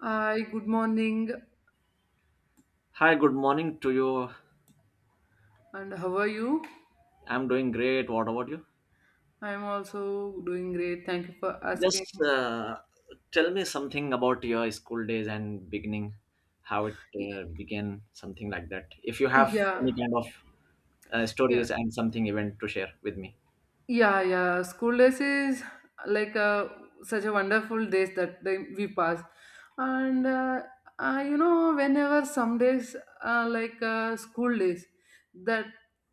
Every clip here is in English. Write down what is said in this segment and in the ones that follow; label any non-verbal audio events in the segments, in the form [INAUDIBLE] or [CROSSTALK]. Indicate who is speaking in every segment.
Speaker 1: Hi, good morning,
Speaker 2: Hi, good morning to you.
Speaker 1: and how are you?
Speaker 2: I'm doing great. What about you?
Speaker 1: I'm also doing great. Thank you for
Speaker 2: Just
Speaker 1: asking.
Speaker 2: tell me something about your school days and beginning, how it
Speaker 1: Y-
Speaker 2: began, something like that. If you have
Speaker 1: Yeah,
Speaker 2: any kind of
Speaker 1: yeah.
Speaker 2: stories and something event to share with me.
Speaker 1: Yeah, yeah. School days is like such a wonderful days that we pass, and whenever some days like school days, that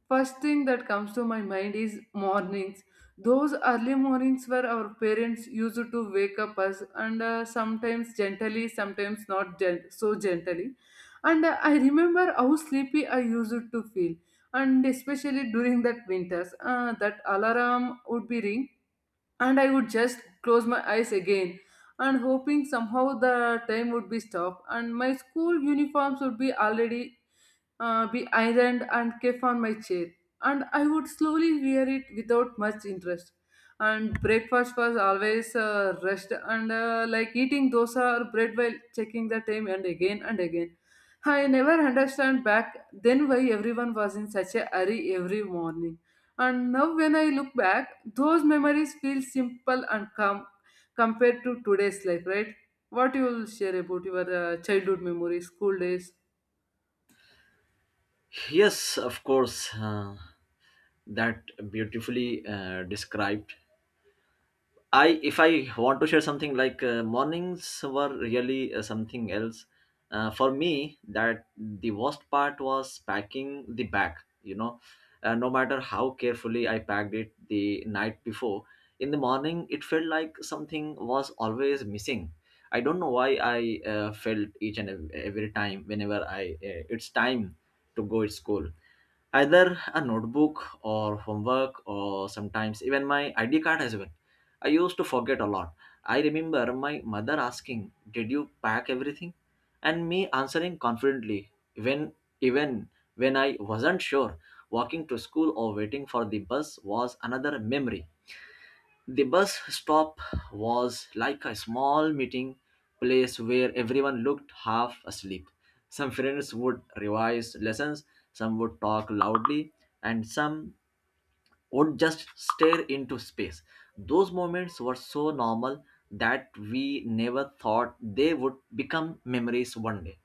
Speaker 1: first thing that comes to my mind is mornings. Those early mornings where our parents used to wake up us, and sometimes gently, sometimes not so gently, and I remember how sleepy I used to feel, and especially during that winters that alarm would be ring, and I would just close my eyes again and hoping somehow the time would be stopped and my school uniforms would be already be ironed and kept on my chair, and I would slowly wear it without much interest. And breakfast was always rushed, and like eating dosa or bread while checking the time and again and again. I never understand back then why everyone was in such a hurry every morning. And now, when I look back, those memories feel simple and calm compared to today's life, right? What you will share about your childhood memories, school days?
Speaker 2: Yes, of course, that beautifully described. I if I want to share something like mornings were really something else. For me, that the worst part was packing the bag. You know, no matter how carefully I packed it the night before, in the morning it felt like something was always missing. I don't know why I felt each and every time whenever I it's time to go to school either a notebook or homework or sometimes even my ID card as well. I used to forget a lot. I remember my mother asking, "Did you pack everything?" and me answering confidently when even when I wasn't sure. Walking to school or waiting for the bus was another memory. The bus stop was like a small meeting place where everyone looked half asleep. Some friends would revise lessons, some would talk loudly, and some would just stare into space. Those moments were so normal that we never thought they would become memories one day.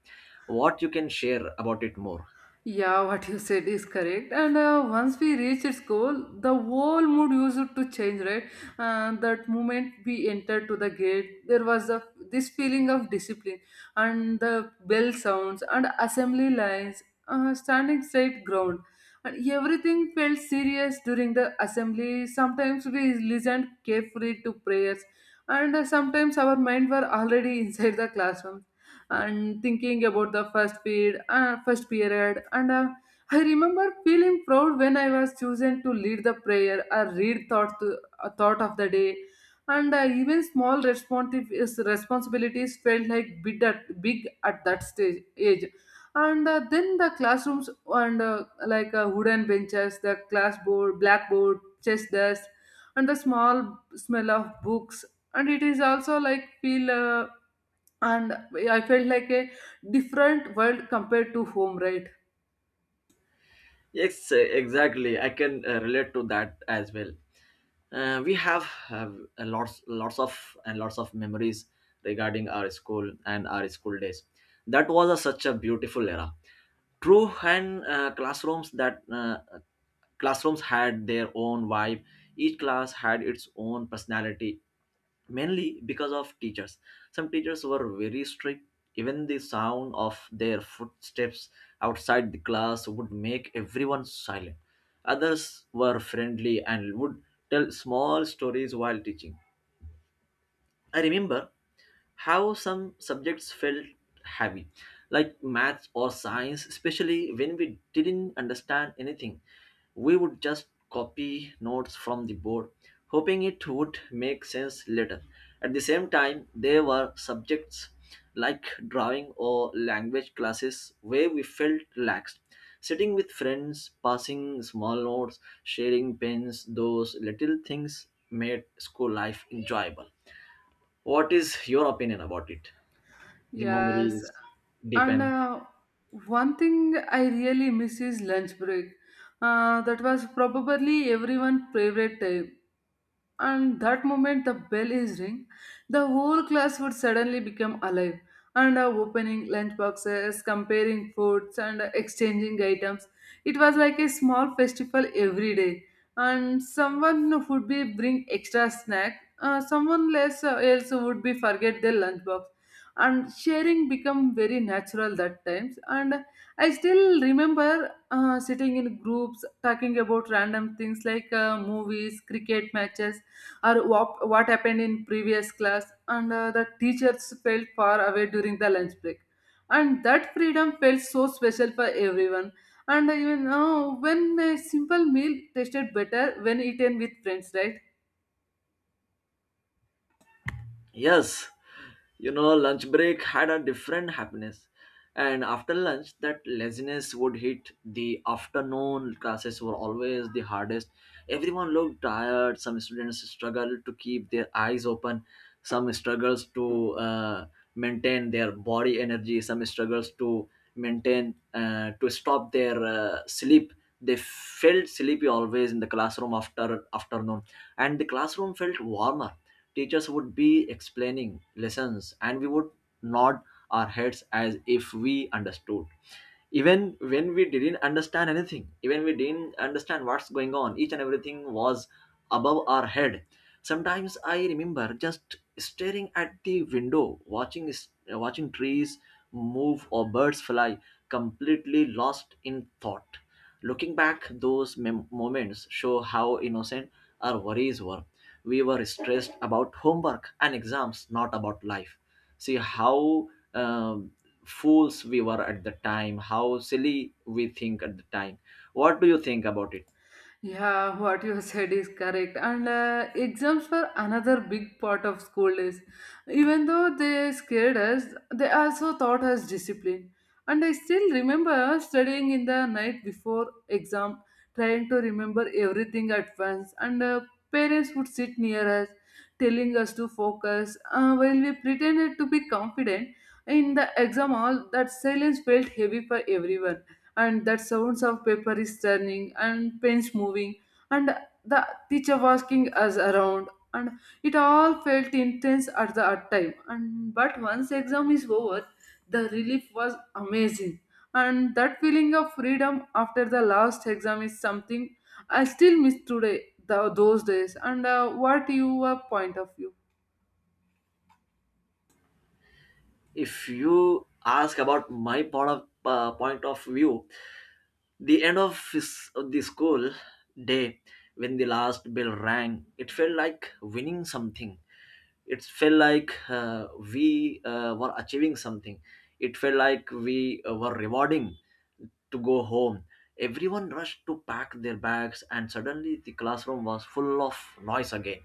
Speaker 2: What you can share about it more?
Speaker 1: Yeah, what you said is correct. And once we reach its goal, the whole mood used to change, right? That moment we entered to the gate, there was this feeling of discipline, and the bell sounds and assembly lines, standing straight ground, and everything felt serious during the assembly. Sometimes we listened carefully to prayers, and sometimes our mind were already [LAUGHS] inside the classroom and thinking about the first period, and I remember feeling proud when I was chosen to lead the prayer or read a thought of the day, and even small responsibilities felt like big at that stage age. And then the classrooms, and like wooden benches, the class board, blackboard, chess desk, and the small smell of books. And it is also like feel and I felt like a different world compared to home, right?
Speaker 2: Yes, exactly. I can relate to that as well. We have a lots lots of and lots of memories regarding our school and our school days. That was such a beautiful era. True, and classrooms had their own vibe. Each class had its own personality, mainly because of teachers. Some teachers were very strict, even the sound of their footsteps outside the class would make everyone silent. Others were friendly and would tell small stories while teaching. I remember how some subjects felt heavy, like maths or science, especially when we didn't understand anything. We would just copy notes from the board, hoping it would make sense later. At the same time, there were subjects like drawing or language classes where we felt relaxed. Sitting with friends, passing small notes, sharing pens, those little things made school life enjoyable. What is your opinion about it? The
Speaker 1: Yes.
Speaker 2: memories
Speaker 1: And
Speaker 2: deepen.
Speaker 1: one thing I really miss is lunch break. That was probably everyone's favorite time. And that moment the bell is ring, the whole class would suddenly become alive, and opening lunch boxes, comparing foods, and exchanging items. It was like a small festival every day. And someone would be bring extra snack, someone less else would be forget their lunch box, and sharing become very natural that times. And I still remember sitting in groups talking about random things like movies, cricket matches, or what happened in previous class. And the teachers felt far away during the lunch break, and that freedom felt so special for everyone. And even when, a simple meal tasted better when eaten with friends, right?
Speaker 2: Yes, you know, lunch break had a different happiness. And after lunch, that laziness would hit. The afternoon classes were always the hardest. Everyone looked tired. Some students struggled to keep their eyes open. Some struggles to maintain their body energy. Some struggles to maintain to stop their sleep. They felt sleepy always in the classroom after afternoon, and the classroom felt warmer. Teachers would be explaining lessons and we would nod our heads as if we understood, even when we didn't understand anything, even we didn't understand what's going on. Each and everything was above our head. Sometimes I remember just staring at the window, watching trees move or birds fly, completely lost in thought. Looking back, those moments show how innocent our worries were. We were stressed about homework and exams, not about life. See how um, fools we were at the time, how silly we think at the time. What do you think about it?
Speaker 1: Yeah, what you said is correct. And exams were another big part of school days. Even though they scared us, they also taught us discipline. And I still remember studying in the night before exam, trying to remember everything at once. And parents would sit near us, telling us to focus, while we pretended to be confident. In the exam hall, that silence felt heavy for everyone, and that sounds of paper is turning and pens moving, and the teacher walking us around, and it all felt intense at time. And but once exam is over, the relief was amazing, and that feeling of freedom after the last exam is something I still miss today, those days. And what your point of view?
Speaker 2: If you ask about my point of view, the end of the school day, when the last bell rang, it felt like winning something. It felt like we were achieving something. It felt like we were rewarding to go home. Everyone rushed to pack their bags, and suddenly the classroom was full of noise again.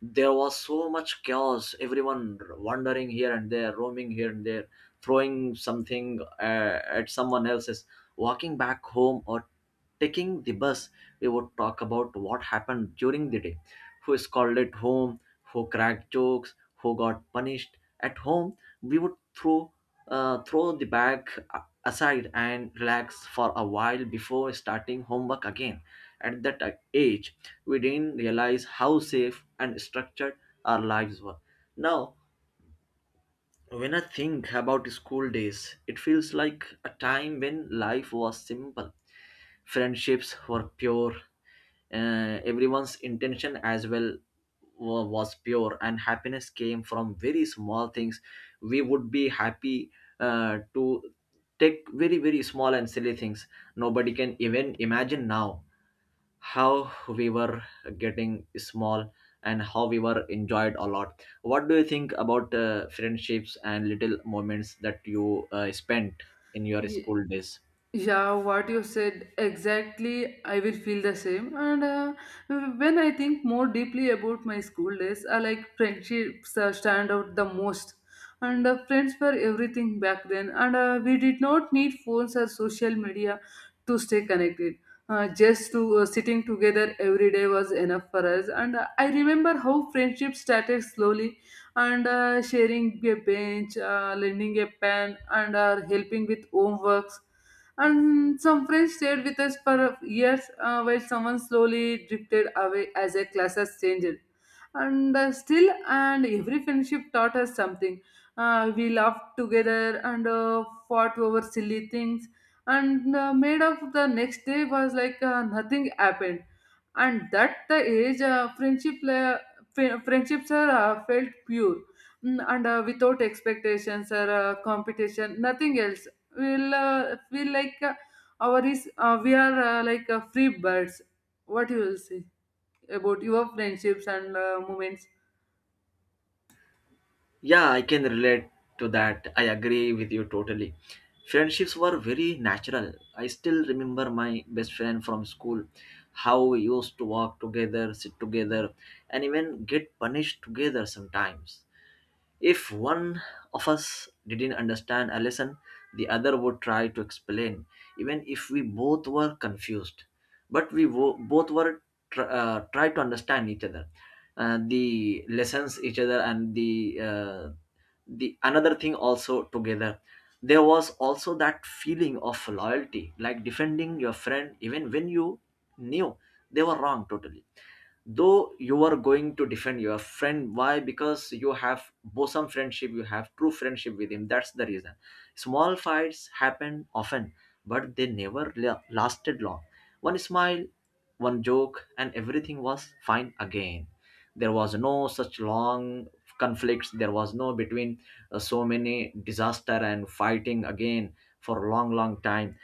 Speaker 2: There was so much chaos, everyone wandering here and there, roaming here and there, throwing something at someone else's. Walking back home or taking the bus, we would talk about what happened during the day, who called at home, who cracked jokes, who got punished at home. We would throw the bag aside and relax for a while before starting homework again. At that age, we didn't realize how safe and structured our lives were. Now, when I think about school days, it feels like a time when life was simple. Friendships were pure, everyone's intention as well was pure, and happiness came from very small things. We would be happy to take very, very small and silly things. Nobody can even imagine now how we were getting small and how we were enjoyed a lot. What do you think about friendships and little moments that you spent in your school days?
Speaker 1: Yeah, what you said exactly, I will feel the same. And when I think more deeply about my school days, I like friendships stand out the most. And friends were everything back then, and we did not need phones or social media to stay connected. Just to sitting together every day was enough for us. And I remember how friendship started slowly, and sharing a bench, lending a pen, and helping with homeworks. And some friends stayed with us for years, while someone slowly drifted away as a class has changed. And still, and every friendship taught us something. We laughed together, and fought over silly things. And made of the next day was like nothing happened. And that the age, friendships are felt pure. And without expectations or competition, nothing else will feel like our is we are like free birds. What you will say about your friendships and moments?
Speaker 2: Yeah, I can relate to that. I agree with you totally. Friendships were very natural. I still remember my best friend from school, how we used to walk together, sit together, and even get punished together sometimes. If one of us didn't understand a lesson, the other would try to explain, even if we both were confused. But we both were try to understand each other, the lessons each other, and the another thing also together. There was also that feeling of loyalty, like defending your friend even when you knew they were wrong totally. Though you are going to defend your friend, why? Because you have bosom friendship, you have true friendship with him, that's the reason. Small fights happen often, but they never lasted long. One smile, one joke, and everything was fine again. There was no such long conflicts, there was no between so many disaster and fighting again for a long long time.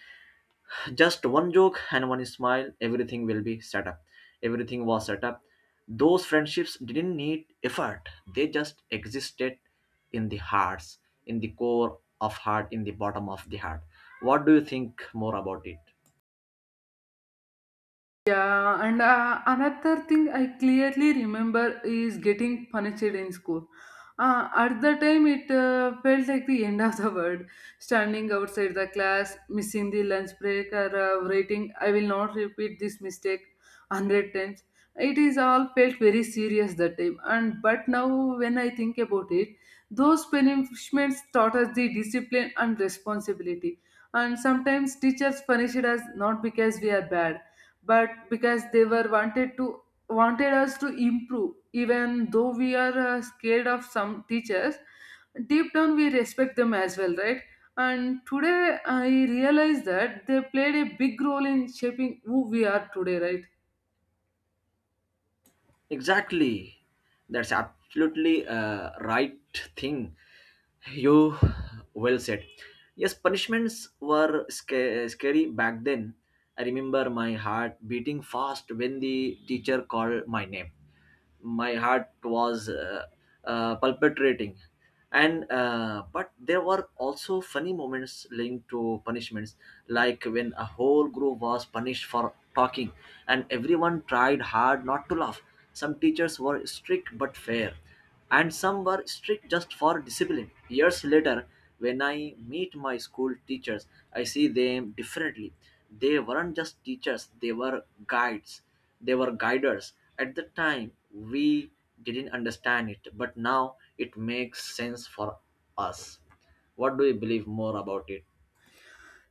Speaker 2: Just one joke and one smile, everything will be set up, everything was set up. Those friendships didn't need effort, they just existed in the hearts, in the core of heart, in the bottom of the heart. What do you think more about it?
Speaker 1: Yeah, and another thing I clearly remember is getting punished in school. At the time, it felt like the end of the world. Standing outside the class, missing the lunch break, or writing, I will not repeat this mistake 100 times. It is all felt very serious that time. And But now, when I think about it, those punishments taught us the discipline and responsibility. And sometimes teachers punished us not because we are bad, but because they were wanted to wanted us to improve. Even though we are scared of some teachers, deep down we respect them as well, right? And today I realize that they played a big role in shaping who we are today, right?
Speaker 2: Exactly, that's absolutely a right thing. You well said. Yes, punishments were scary back then. I remember my heart beating fast when the teacher called my name. My heart was palpitating, and but there were also funny moments linked to punishments, like when a whole group was punished for talking, and everyone tried hard not to laugh. Some teachers were strict but fair, and some were strict just for discipline. Years later, when I meet my school teachers, I see them differently. They weren't just teachers, they were guides, they were guiders. At the time, we didn't understand it, but now it makes sense for us. What do you believe more about it?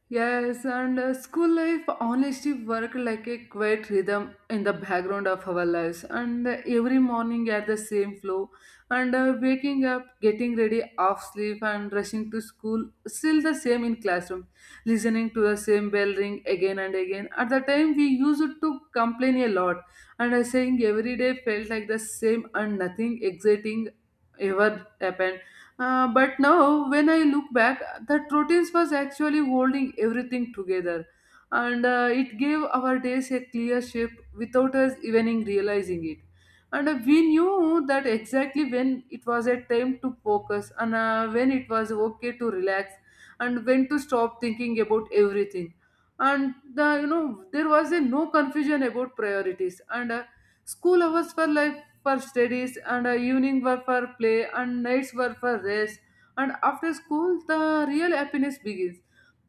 Speaker 1: Yes, and school life honestly worked like a quiet rhythm in the background of our lives. And every morning at the same flow, and waking up, getting ready, off sleep, and rushing to school, still the same in classroom, listening to the same bell ring again and again. At the time, we used to complain a lot, and I saying every day felt like the same, and nothing exciting ever happened, but now, when I look back, that routines was actually holding everything together, and it gave our days a clear shape without us even realizing it. And we knew that exactly when it was a time to focus, and when it was okay to relax, and when to stop thinking about everything. And you know, there was a no confusion about priorities. And school hours were like for studies, and evening were for play, and nights were for rest. And after school, the real happiness begins,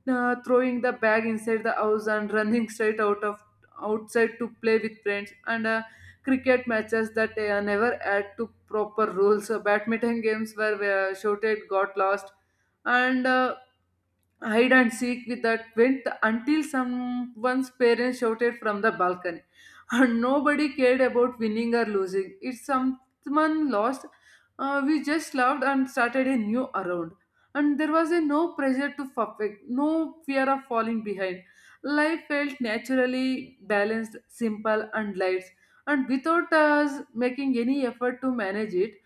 Speaker 1: throwing the bag inside the house and running straight outside to play with friends. And cricket matches that never add to proper rules, badminton games were shouted got lost, and hide and seek with that went until someone's parents shouted from the balcony. And nobody cared about winning or losing. If someone lost, we just laughed and started a new round. And there was a no pressure to perfect, no fear of falling behind. Life felt naturally balanced, simple, and light. And without us making any effort to manage it,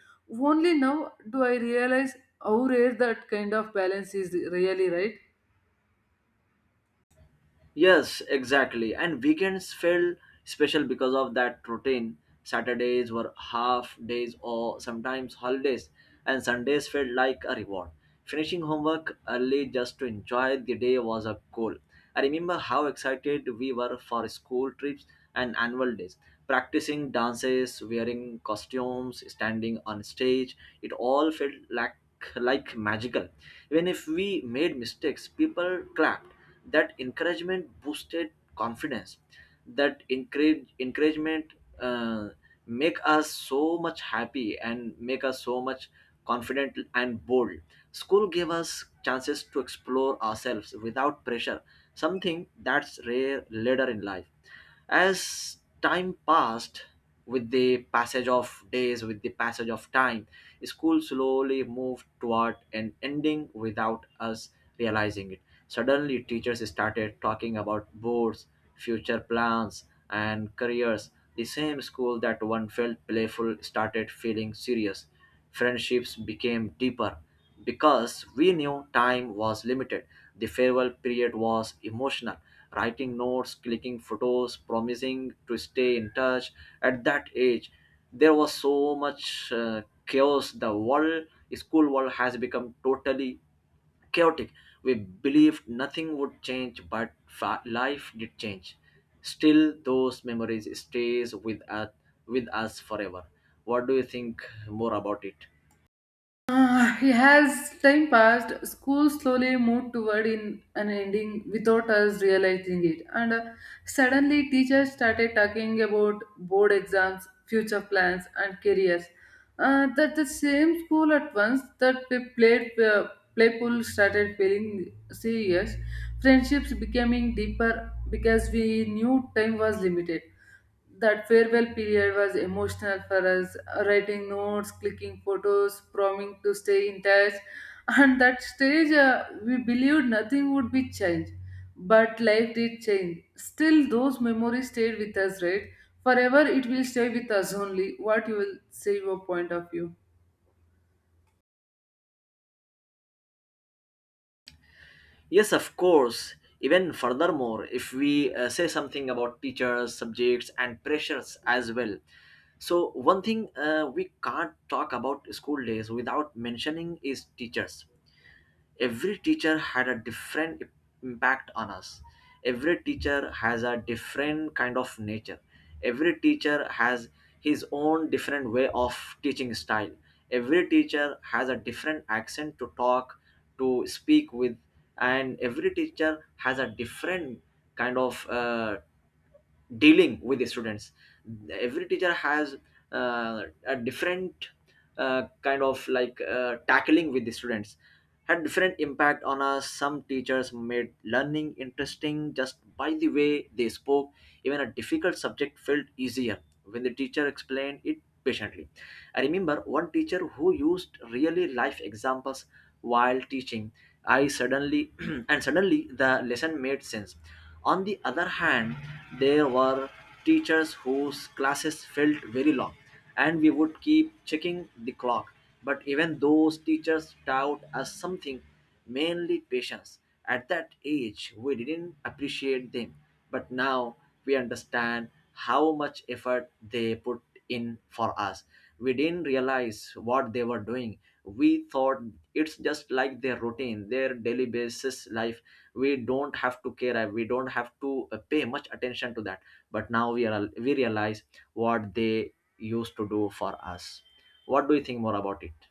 Speaker 1: only now do I realize how rare that kind of balance is really, right?
Speaker 2: Yes, exactly. And weekends felt special because of that routine. Saturdays were half days or sometimes holidays, and Sundays felt like a reward. Finishing homework early just to enjoy the day was a goal. I remember how excited we were for school trips and annual days. Practicing dances, wearing costumes, standing on stage, it all felt like magical. Even if we made mistakes, people clapped. That encouragement boosted confidence. That encourage encouragement uh, make us so much happy and make us so much confident and bold. School gave us chances to explore ourselves without pressure, something that's rare later in life. As time passed, with the passage of days, with the passage of time, school slowly moved toward an ending without us realizing it. Suddenly, teachers started talking about boards, future plans, and careers. The same school that one felt playful started feeling serious. Friendships became deeper because we knew time was limited. The farewell period was emotional, writing notes, clicking photos, promising to stay in touch. At that age, there was so much chaos. The world, school world, has become totally chaotic. We believed nothing would change, but life did change. Still, those memories stays with us, with us forever. What do you think more about it?
Speaker 1: Uh, has time passed, school slowly moved toward in an ending without us realizing it. And suddenly, teachers started talking about board exams, future plans, and careers. That the same school at once that we played playful started feeling serious. Friendships becoming deeper because we knew time was limited. That farewell period was emotional for us, writing notes, clicking photos, promising to stay in touch. [LAUGHS] And that stage, we believed nothing would be changed. But life did change. Still, those memories stayed with us, right? Forever, it will stay with us only. What you will say, your point of view?
Speaker 2: Yes, of course. Even furthermore, if we say something about teachers, subjects, and pressures as well. So, one thing we can't talk about school days without mentioning is teachers. Every teacher had a different impact on us. Every teacher has a different kind of nature. Every teacher has his own different way of teaching style. Every teacher has a different accent to talk, to speak with. And every teacher has a different kind of dealing with the students. Every teacher has a different kind of like tackling with the students, had different impact on us. Some teachers made learning interesting just by the way they spoke. Even a difficult subject felt easier when the teacher explained it patiently. I remember one teacher who used really life examples while teaching. I suddenly [CLEARS THROAT] and suddenly the lesson made sense. On the other hand, there were teachers whose classes felt very long, and we would keep checking the clock. But even those teachers taught us something, mainly patience. At that age, we didn't appreciate them, but now we understand how much effort they put in for us. We didn't realize what they were doing. We thought it's just like their routine, their daily basis life. We don't have to care, we don't have to pay much attention to that. But now we realize what they used to do for us. What do you think more about it?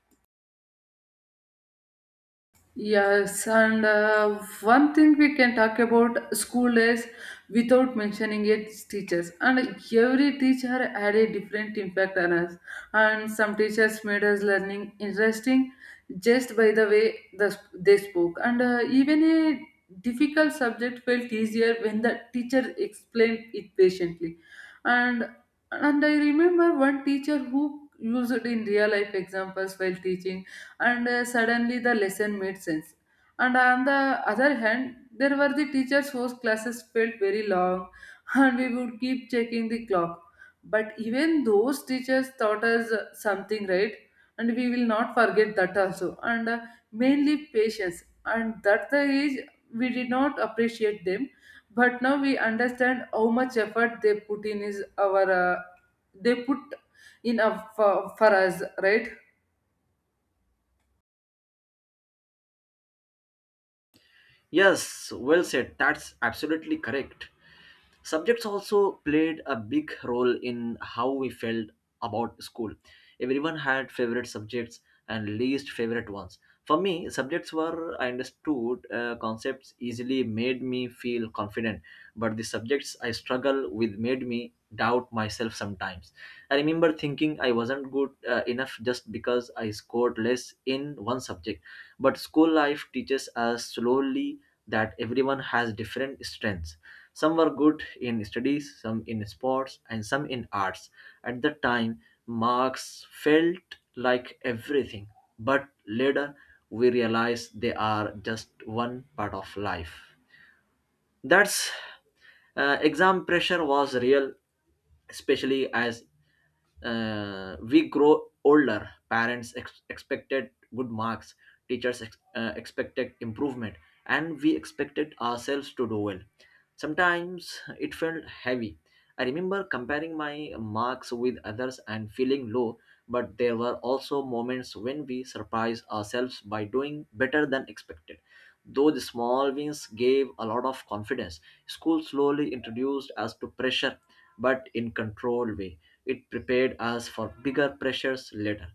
Speaker 1: Yes, and one thing we can talk about school days without mentioning its teachers. And every teacher had a different impact on us. And some teachers made us learning interesting just by the way they spoke. And even a difficult subject felt easier when the teacher explained it patiently. And and I remember one teacher who used it in real life examples while teaching, and suddenly the lesson made sense. And on the other hand, there were the teachers whose classes felt very long, [LAUGHS] and we would keep checking the clock. But even those teachers taught us something, right? And we will not forget that also. And mainly patience. And that the age we did not appreciate them, but now we understand how much effort they put in for us, right?
Speaker 2: Yes, well said, that's absolutely correct. Subjects also played a big role in how we felt about school. Everyone had favorite subjects and least favorite ones. For me, subjects were I understood concepts easily made me feel confident, but the subjects I struggle with made me doubt myself sometimes. I remember thinking I wasn't good enough just because I scored less in one subject. But school life teaches us slowly that everyone has different strengths. Some were good in studies, some in sports, and some in arts. At the time, marks felt like everything, but later we realize they are just one part of life. That's exam pressure was real, especially as we grow older. Parents expected good marks, teachers expected improvement, and we expected ourselves to do well. Sometimes it felt heavy. I remember comparing my marks with others and feeling low, but there were also moments when we surprised ourselves by doing better than expected. Though the small wins gave a lot of confidence, school slowly introduced us to pressure, but in controlled way. It prepared us for bigger pressures later.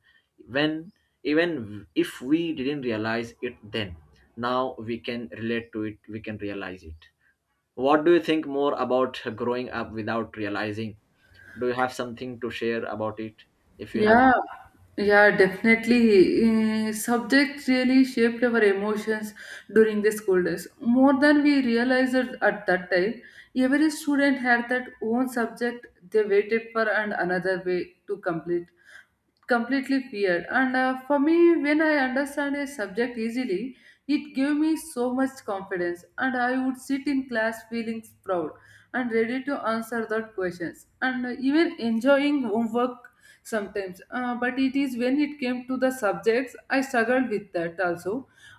Speaker 2: When even if we didn't realize it then, now we can relate to it, we can realize it. What do you think more about growing up without realizing? Do you have something to share about it? If you have.
Speaker 1: Yeah, yeah, definitely. Subject really shaped our emotions during the school days more than we realized it at that time. Every student had that own subject they waited for and another way to complete completely feared and for me when I understand a subject easily, it gave me so much confidence and I would sit in class feeling proud and ready to answer that questions, and even enjoying homework sometimes. But it is when it came to the subjects I struggled with that also,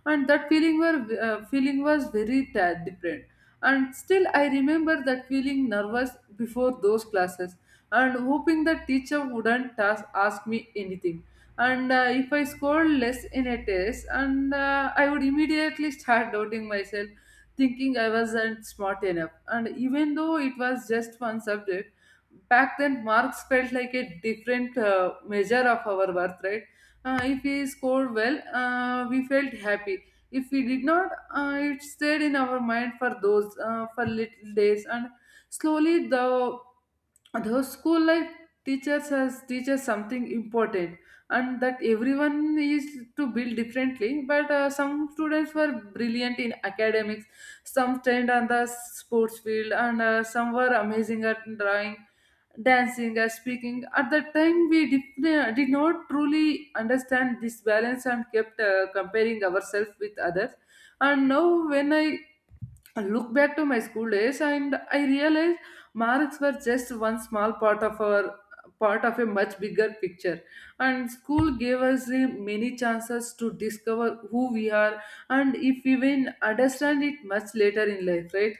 Speaker 1: and that feeling were, feeling was very different, and still I remember that feeling nervous before those classes and hoping the teacher wouldn't ask me anything. And If I scored less in a test, and I would immediately start [LAUGHS] doubting myself, thinking I wasn't smart enough. And even though it was just one subject, back then marks felt like a different measure of our worth, right? If we scored well, we felt happy. If we did not, it stayed in our mind for those for little days, and slowly the those school life teachers has teaches something important, and that everyone is to build differently, but some students were brilliant in academics, some trained on the sports field, and some were amazing at drawing, dancing as speaking. At that time we did not truly understand this balance and kept comparing ourselves with others. And now when I look back to my school days, and I realize marks were just one small part of our part of a much bigger picture, and school gave us many chances to discover who we are, and if we even understand it much later in life, right?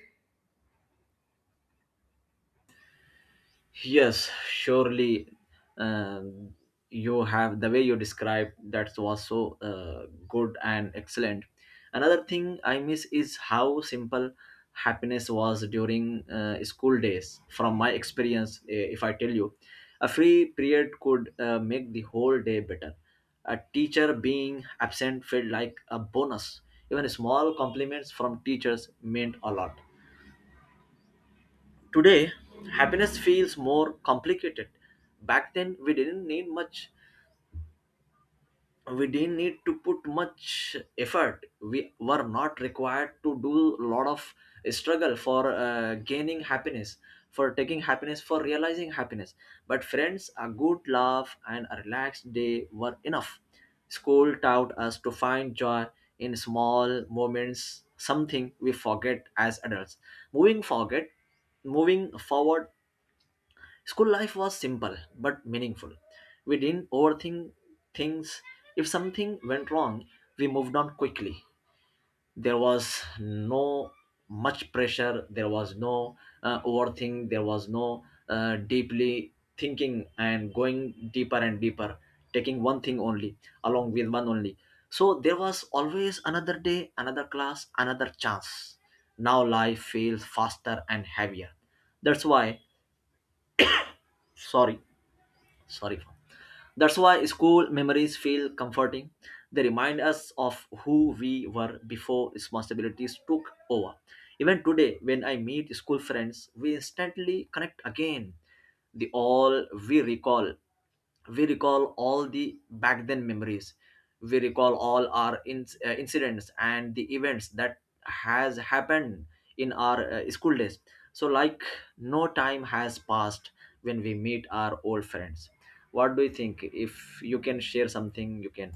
Speaker 2: Yes, surely, um, you have the way you described that was so good and excellent. Another thing I miss is how simple happiness was during school days. From my experience, if I tell you, a free period could make the whole day better. A teacher being absent felt like a bonus. Even small compliments from teachers meant a lot. Today, happiness feels more complicated. Back then, we didn't need much. We didn't need to put much effort. We were not required to do a lot of struggle for gaining happiness, for taking happiness, for realizing happiness. But friends, a good laugh and a relaxed day were enough. School taught us to find joy in small moments, something we forget as adults. Moving forget, moving forward. School life was simple but meaningful. We didn't overthink things. If something went wrong, we moved on quickly. There was no much pressure, there was no overthink, there was no deeply thinking and going deeper and deeper, taking one thing only, along with one only. So there was always another day, another class, another chance. Now life feels faster and heavier. That's why, sorry, sorry for That's why school memories feel comforting. They remind us of who we were before responsibilities took over. Even today, when I meet school friends, we instantly connect again. The all we recall We recall all the back then memories, we recall all our incidents and the events that has happened in our school days. So like no time has passed when we meet our old friends. What do you think? If you can share something, you can.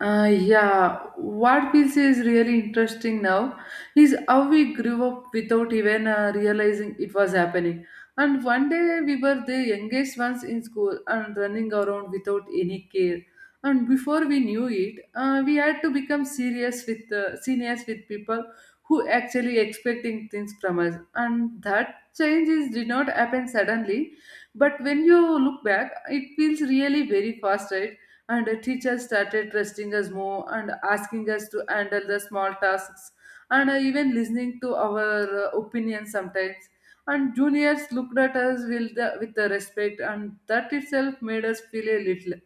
Speaker 1: Yeah, what feels is really interesting now is how we grew up without even realizing it was happening. And one day we were the youngest ones in school and running around without any care. And before we knew it, we had to become serious with seniors with people who actually expecting things from us. And that change did not happen suddenly, but when you look back, it feels really very fast, right? And the teachers started trusting us more and asking us to handle the small tasks, and even listening to our opinions sometimes, and juniors looked at us with with the respect, and that itself made us feel a little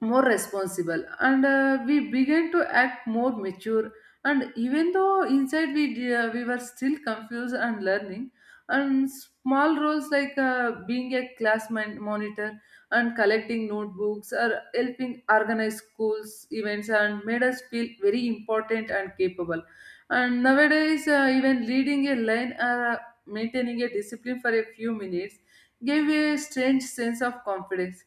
Speaker 1: more responsible, and we began to act more mature, and even though inside we were still confused and learning. And small roles like being a class monitor and collecting notebooks or helping organize schools events and made us feel very important and capable. And nowadays even leading a line or maintaining a discipline for a few minutes gave a strange sense of confidence.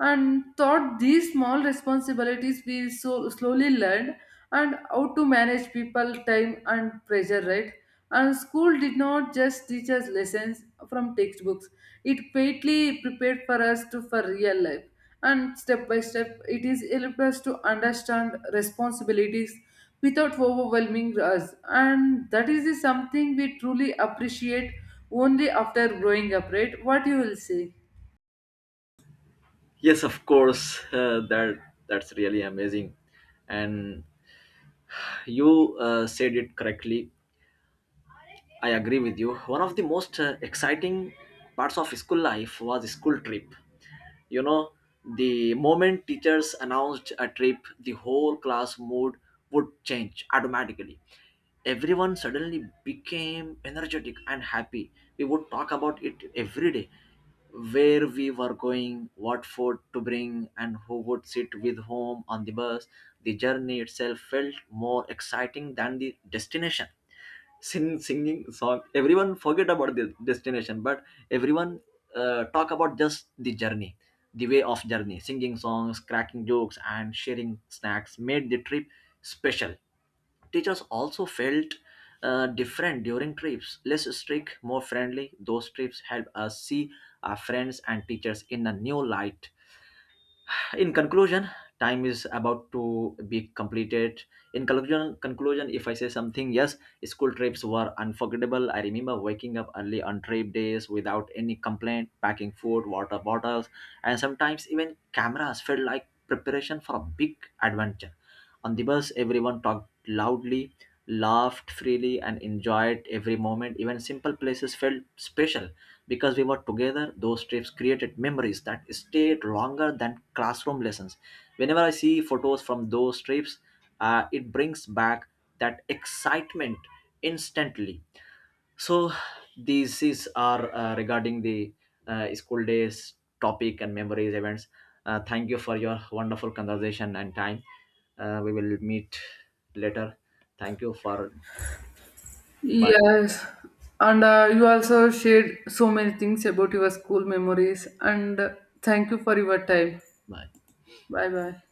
Speaker 1: And thought these small responsibilities we so slowly learned, and how to manage people time and pressure, right? And school did not just teach us lessons from textbooks, it greatly prepared for us to for real life, and step by step it is helped us to understand responsibilities without overwhelming us, and that is something we truly appreciate only after growing up, right? What you will say?
Speaker 2: Yes, of course, that's really amazing. And you said it correctly, I agree with you. One of the most exciting parts of school life was school trip. You know, the moment teachers announced a trip, the whole class mood would change automatically. Everyone suddenly became energetic and happy. We would talk about it every day, where we were going, what food to bring, and who would sit with whom on the bus. The journey itself felt more exciting than the destination. Singing song, everyone forget about the destination, but everyone talk about just the journey, the way of journey. Singing songs, cracking jokes, and sharing snacks made the trip special. Teachers also felt different during trips, less strict, more friendly. Those trips help us see our friends and teachers in a new light. In conclusion, time is about to be completed. In conclusion, if I say something, yes, school trips were unforgettable. I remember waking up early on trip days without any complaint, packing food, water bottles, and sometimes even cameras felt like preparation for a big adventure. On the bus, everyone talked loudly, laughed freely, and enjoyed every moment. Even simple places felt special because we were together. Those trips created memories that stayed longer than classroom lessons. Whenever I see photos from those trips, it brings back that excitement instantly. So these is are regarding the school days topic and memories events. Thank you for your wonderful conversation and time. We will meet later. Thank you for. Bye
Speaker 1: Yes, and you also shared so many things about your school memories, and thank you for your time.
Speaker 2: bye.
Speaker 1: Bye bye.